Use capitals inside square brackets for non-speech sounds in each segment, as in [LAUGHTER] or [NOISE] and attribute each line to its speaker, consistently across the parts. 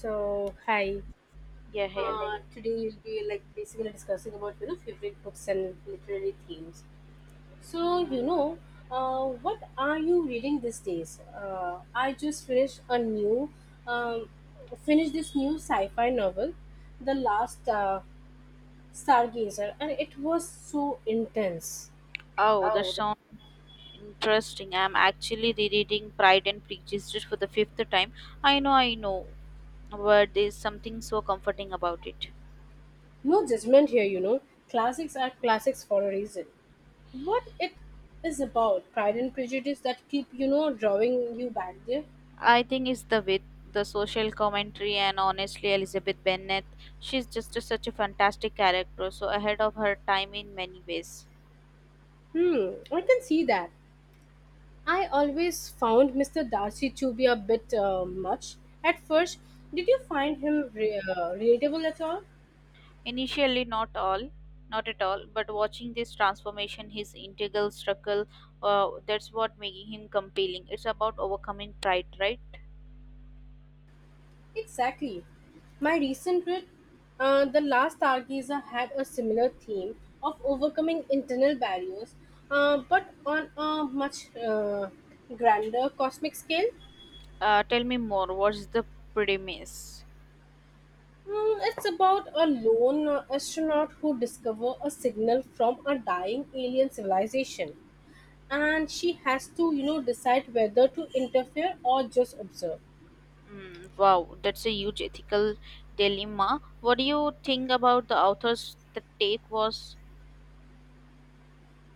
Speaker 1: So, hi. Yeah,
Speaker 2: Yeah,
Speaker 1: hi.
Speaker 2: hey.
Speaker 1: Thank today we'll be like basically discussing about favorite books and literary themes. So
Speaker 2: Mm.
Speaker 1: what are you reading these days? I just finished a um, finished this new sci-fi novel, The Last Stargazer, and it was so intense.
Speaker 2: Oh, that
Speaker 1: Oh, the,
Speaker 2: sounds interesting. I'm actually rereading Pride and Prejudice just for the fifth time. I know, but there's something so comforting about it.
Speaker 1: No judgment here, you know. Classics are classics for a reason. What it is about, Pride and Prejudice, that keep drawing you back there.
Speaker 2: I think it's the wit, the social commentary, and honestly, Elizabeth Bennet, she's just such a fantastic character, so ahead of her time in many ways.
Speaker 1: Hmm, I can see that. I always found Mr. Darcy to be a bit much at first. Did you find him relatable at all?
Speaker 2: Initially, not all, not at all, but watching this transformation, his integral struggle, that's what making him compelling. It's about overcoming pride, right?
Speaker 1: Exactly. My recent read, The Last Stargazer, had a similar theme of overcoming internal barriers, but on a much grander cosmic scale.
Speaker 2: Tell me more. What's the premise?
Speaker 1: Hmm, it's about a lone astronaut who discovers a signal from a dying alien civilization, and she has to decide whether to interfere or just observe.
Speaker 2: Mm, wow, that's a huge ethical dilemma. What do you think about the author's the take was?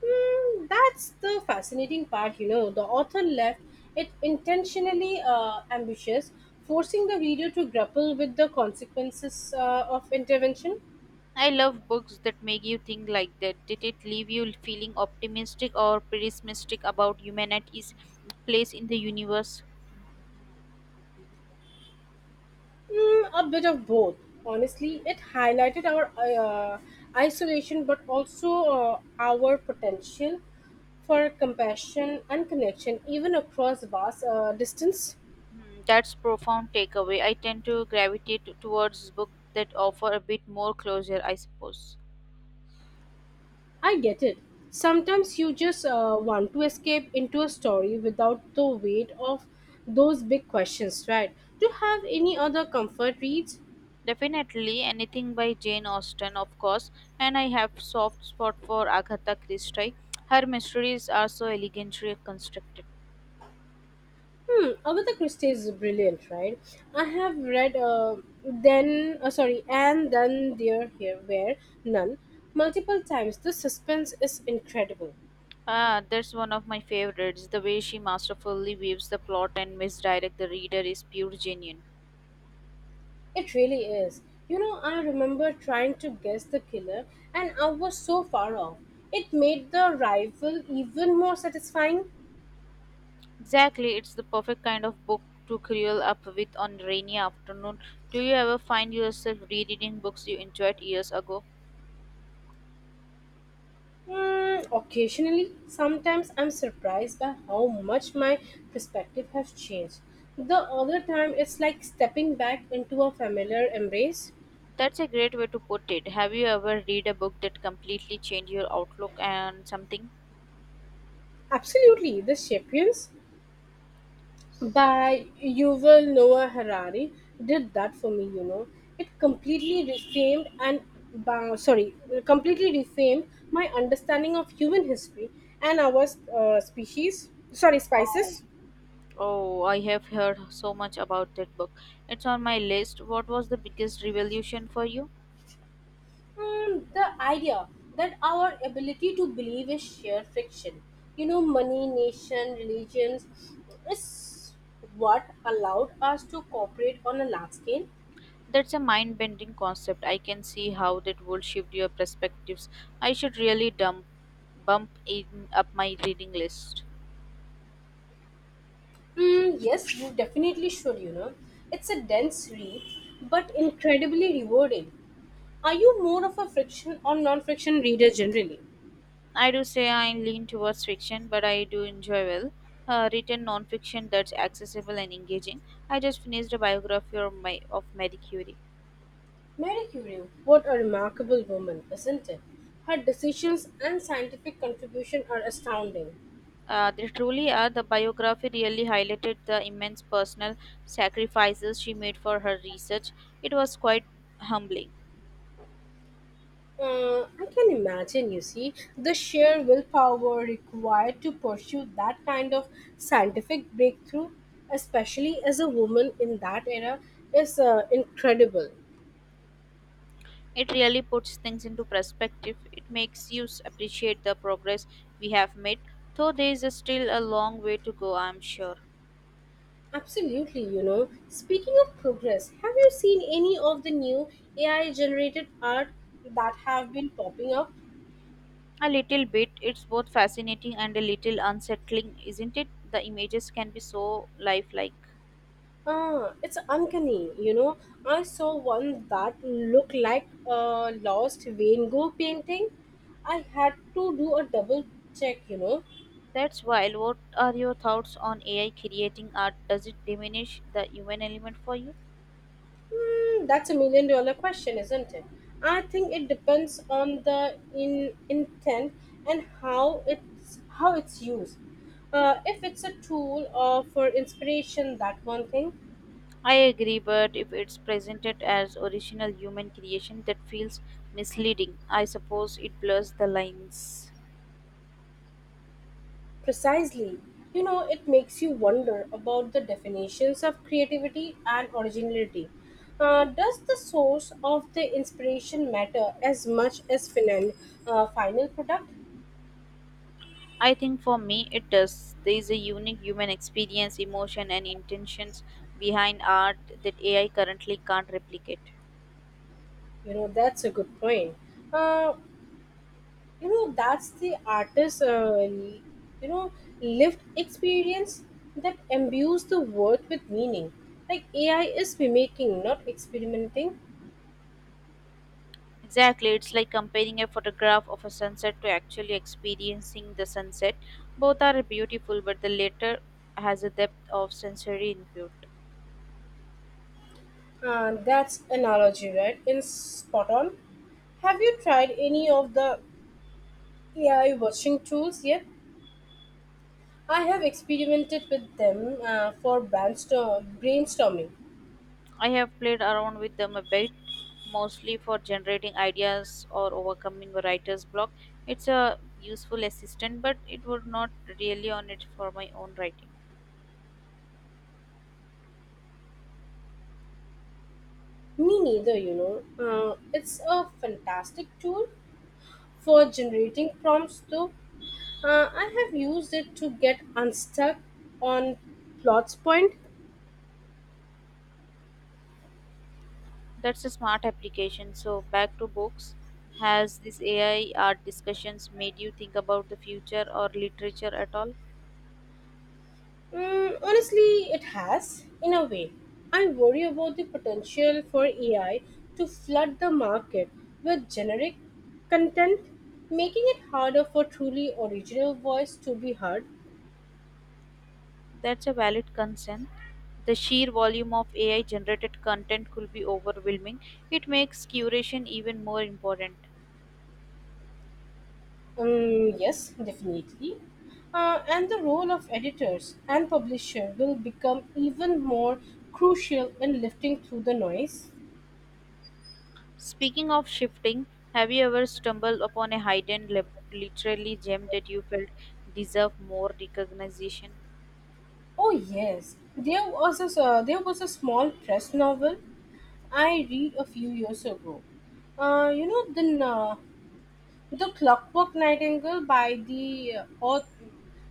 Speaker 1: Hmm, that's the fascinating part. You know, the author left it intentionally ambitious, forcing the reader to grapple with the consequences of intervention.
Speaker 2: I love books that make you think like that. Did it leave you feeling optimistic or pessimistic about humanity's place in the universe?
Speaker 1: Hmm, a bit of both. Honestly, it highlighted our isolation but also our potential for compassion and connection even across vast distance.
Speaker 2: Hmm, that's profound takeaway. I tend to gravitate towards books that offer a bit more closure, I suppose.
Speaker 1: I get it. Sometimes you just want to escape into a story without the weight of those big questions, right? Do you have any other comfort reads?
Speaker 2: Definitely anything by Jane Austen, of course, and I have soft spot for Agatha Christie. Her mysteries are so elegantly constructed.
Speaker 1: Hmm, Agatha Christie is brilliant, right? I have read then, sorry, and then there here where none multiple times. The suspense is incredible.
Speaker 2: Ah, that's one of my favorites. The way she masterfully weaves the plot and misdirect the reader is pure genuine.
Speaker 1: It really is. You know, I remember trying to guess the killer, and I was so far off. It made the rival even more satisfying.
Speaker 2: Exactly, it's the perfect kind of book to curl up with on rainy afternoon. Do you ever find yourself rereading books you enjoyed years ago?
Speaker 1: Mm, occasionally, sometimes I'm surprised by how much my perspective has changed. The other time, it's like stepping back into a familiar embrace.
Speaker 2: That's a great way to put it. Have you ever read a book that completely changed your outlook and something?
Speaker 1: Absolutely, The Sapiens by Yuval Noah Harari did that for me, you know. It completely reframed and, ba- sorry, completely reframed my understanding of human history and our species, sorry,
Speaker 2: Oh,
Speaker 1: spices.
Speaker 2: Oh, I have heard so much about that book. It's on my list. What was the biggest revolution for you?
Speaker 1: The idea that our ability to believe is sheer friction. You know, money, nation, religions is what allowed us to cooperate on a large scale.
Speaker 2: That's a mind bending concept. I can see how that would shift your perspectives. I should really bump in up my reading list.
Speaker 1: Mm, yes, you definitely should, you know. It's a dense read, but incredibly rewarding. Are you more of a friction or non friction reader generally?
Speaker 2: I do say I lean towards fiction, but I do enjoy well. Written nonfiction that's accessible and engaging. I just finished a biography of Marie Curie.
Speaker 1: Mary Curie, what a remarkable woman, isn't it? Her decisions and scientific contribution are astounding.
Speaker 2: They truly are. The biography really highlighted the immense personal sacrifices she made for her research. It was quite humbling.
Speaker 1: I can imagine, you see, the sheer willpower required to pursue that kind of scientific breakthrough, especially as a woman in that era, is incredible.
Speaker 2: It really puts things into perspective. It makes you appreciate the progress we have made, though there is still a long way to go, I'm sure.
Speaker 1: Absolutely, you know. Speaking of progress, have you seen any of the new AI generated art that have been popping up?
Speaker 2: A little bit. It's both fascinating and a little unsettling, isn't it? The images can be so lifelike.
Speaker 1: Ah, it's uncanny, you know. I saw one that looked like a lost Van Gogh painting. I had to do a double check, you know.
Speaker 2: That's wild. What are your thoughts on AI creating art? Does it diminish the human element for you?
Speaker 1: Hmm, that's a $1 million question, isn't it? I think it depends on the in intent and how it's used. If it's a tool for inspiration, that one thing.
Speaker 2: I agree, but if it's presented as original human creation, that feels misleading. I suppose it blurs the lines.
Speaker 1: Precisely. You know, it makes you wonder about the definitions of creativity and originality. Does the source of the inspiration matter as much as final product?
Speaker 2: I think for me, it does. There is a unique human experience, emotion, and intentions behind art that AI currently can't replicate.
Speaker 1: You know, that's a good point. Uh, that's the artist's, you know, lived experience that imbues the work with meaning. Like AI is mimicking, not experimenting.
Speaker 2: Exactly, it's like comparing a photograph of a sunset to actually experiencing the sunset. Both are beautiful, but the latter has a depth of sensory input.
Speaker 1: That's analogy, right? In spot on. Have you tried any of the AI watching tools yet? I have experimented with them for brainstorming.
Speaker 2: I have played around with them a bit, mostly for generating ideas or overcoming a writer's block. It's a useful assistant, but it would not really on it for my own writing.
Speaker 1: Me neither, you know. It's a fantastic tool for generating prompts, though. I have used it to get unstuck on plots point.
Speaker 2: That's a smart application. So back to books. Has this AI art discussions made you think about the future or literature at all?
Speaker 1: Mm, honestly, it has, in a way. I worry about the potential for AI to flood the market with generic content, making it harder for truly original voice to be heard.
Speaker 2: That's a valid concern. The sheer volume of AI generated content could be overwhelming. It makes curation even more important.
Speaker 1: Yes, definitely. And the role of editors and publisher will become even more crucial in lifting through the noise.
Speaker 2: Speaking of shifting, have you ever stumbled upon a hidden literally gem that you felt deserved more recognition?
Speaker 1: Oh yes, there was a small press novel I read a few years ago. Uh, you know the uh, the Clockwork Nightingale by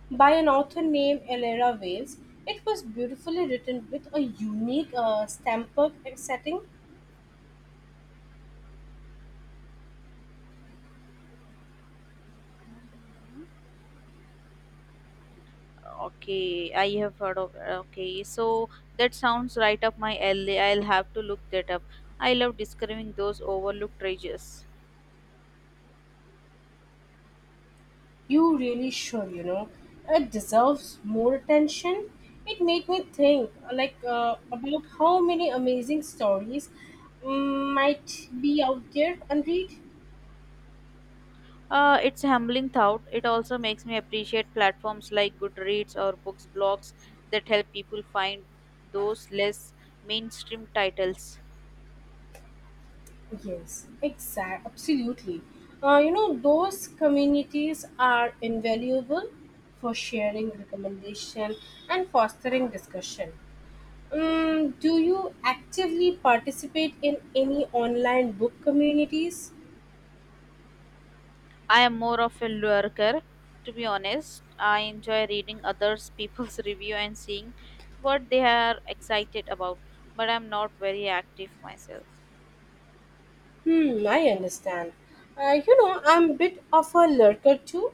Speaker 1: by an author named Elera Wales. It was beautifully written with a unique stamper setting.
Speaker 2: Mhm. Okay, I have heard of. Okay, so that sounds right up my alley. I'll have to look that up. I love discovering those overlooked treasures.
Speaker 1: You really should, you know, it deserves more attention. It made me think, about how many amazing stories might be out there unread.
Speaker 2: It's a humbling thought. It also makes me appreciate platforms like Goodreads or books blogs that help people find those less mainstream titles.
Speaker 1: Yes, absolutely. You know, those communities are invaluable for sharing recommendation and fostering discussion. Do you actively participate in any online book communities?
Speaker 2: I am more of a lurker, to be honest. I enjoy reading others people's [LAUGHS] review and seeing what they are excited about, but I'm not very active myself.
Speaker 1: Hmm, I understand. You know, I'm a bit of a lurker too,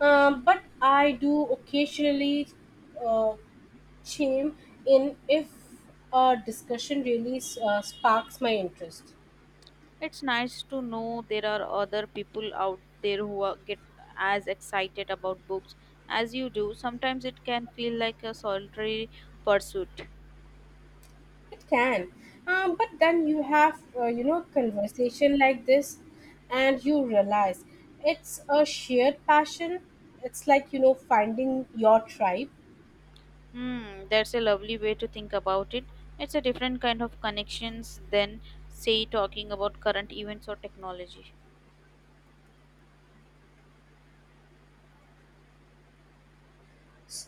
Speaker 1: but I do occasionally uh, chime in if a discussion really sparks my interest.
Speaker 2: It's nice to know there are other people out there who are, get as excited about books as you do. Sometimes it can feel like a solitary pursuit.
Speaker 1: It can, but then you have conversation like this, and you realize it's a shared passion. It's like finding your tribe.
Speaker 2: Hmm, that's a lovely way to think about it. It's a different kind of connections than, say, talking about current events or technology.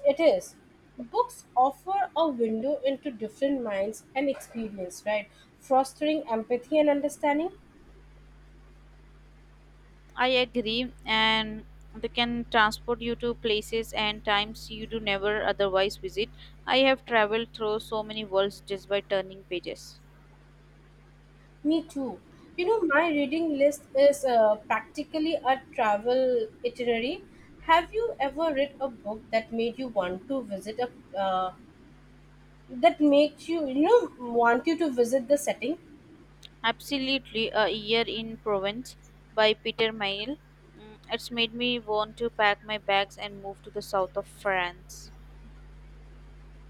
Speaker 1: It is. Books offer a window into different minds and experience, right? Fostering empathy and understanding.
Speaker 2: I agree, and they can transport you to places and times you do never otherwise visit. I have traveled through so many worlds just by turning pages.
Speaker 1: Me too. You know, my reading list is practically a travel itinerary. Have you ever read a book that made you want to visit a uh, that makes you you know want you to visit the setting?
Speaker 2: Absolutely, a year in Provence by Peter Mayle. Mm, it's made me want to pack my bags and move to the south of France.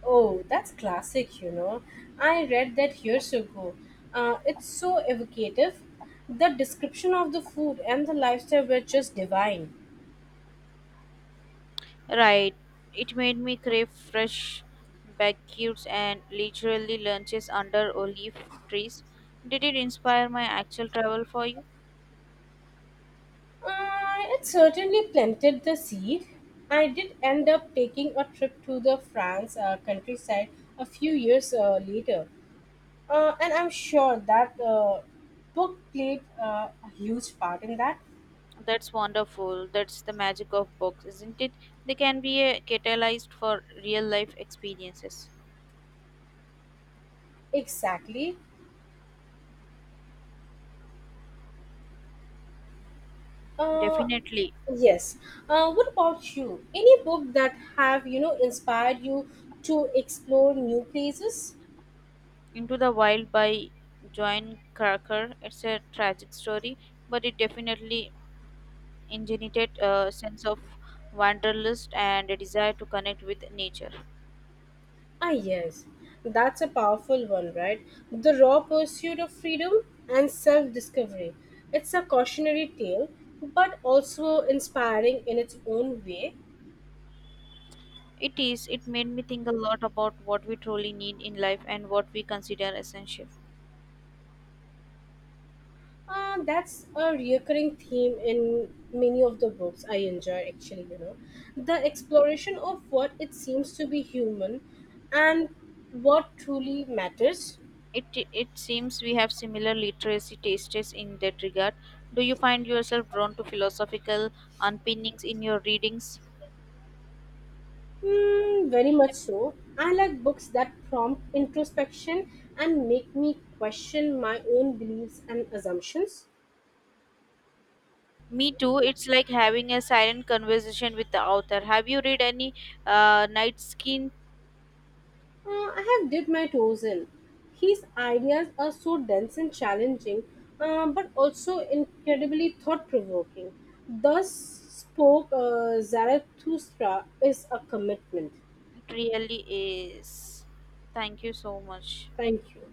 Speaker 1: Oh that's classic, you know, I read that years ago. It's so evocative. The description of the food and the lifestyle were just divine.
Speaker 2: Right, it made me crave fresh baguettes and leisurely lunches under olive trees. Did it inspire my actual travel for you?
Speaker 1: It certainly planted the seed. I did end up taking a trip to the france countryside a few years later, and I'm sure that book played a huge part in that.
Speaker 2: That's wonderful. That's the magic of books, isn't it? They can be a catalyst for real life experiences.
Speaker 1: Exactly. Uh,
Speaker 2: Definitely.
Speaker 1: yes. What about you? Any book that have inspired you to explore new places?
Speaker 2: Into the Wild by Joan Cracker. It's a tragic story, but it definitely ingenitated a sense of wanderlust and a desire to connect with nature.
Speaker 1: Ah, yes. That's a powerful one, right? The Raw Pursuit of Freedom and Self-Discovery. It's a cautionary tale, but also inspiring in its own way.
Speaker 2: It is. It made me think a lot about what we truly need in life and what we consider essential.
Speaker 1: That's a recurring theme in many of the books I enjoy, actually, you know. The exploration of what it seems to be human and what truly matters.
Speaker 2: It, it seems we have similar literacy tastes in that regard. Do you find yourself drawn to philosophical unpinnings in your readings?
Speaker 1: Hmm, very much so. I like books that prompt introspection and make me question my own beliefs and assumptions.
Speaker 2: Me too. It's like having a silent conversation with the author. Have you read any Night Skin?
Speaker 1: I have dipped my toes in. His ideas are so dense and challenging, but also incredibly thought provoking. Thus spoke Zarathustra is a commitment.
Speaker 2: It really is. Thank you so much.
Speaker 1: Thank you.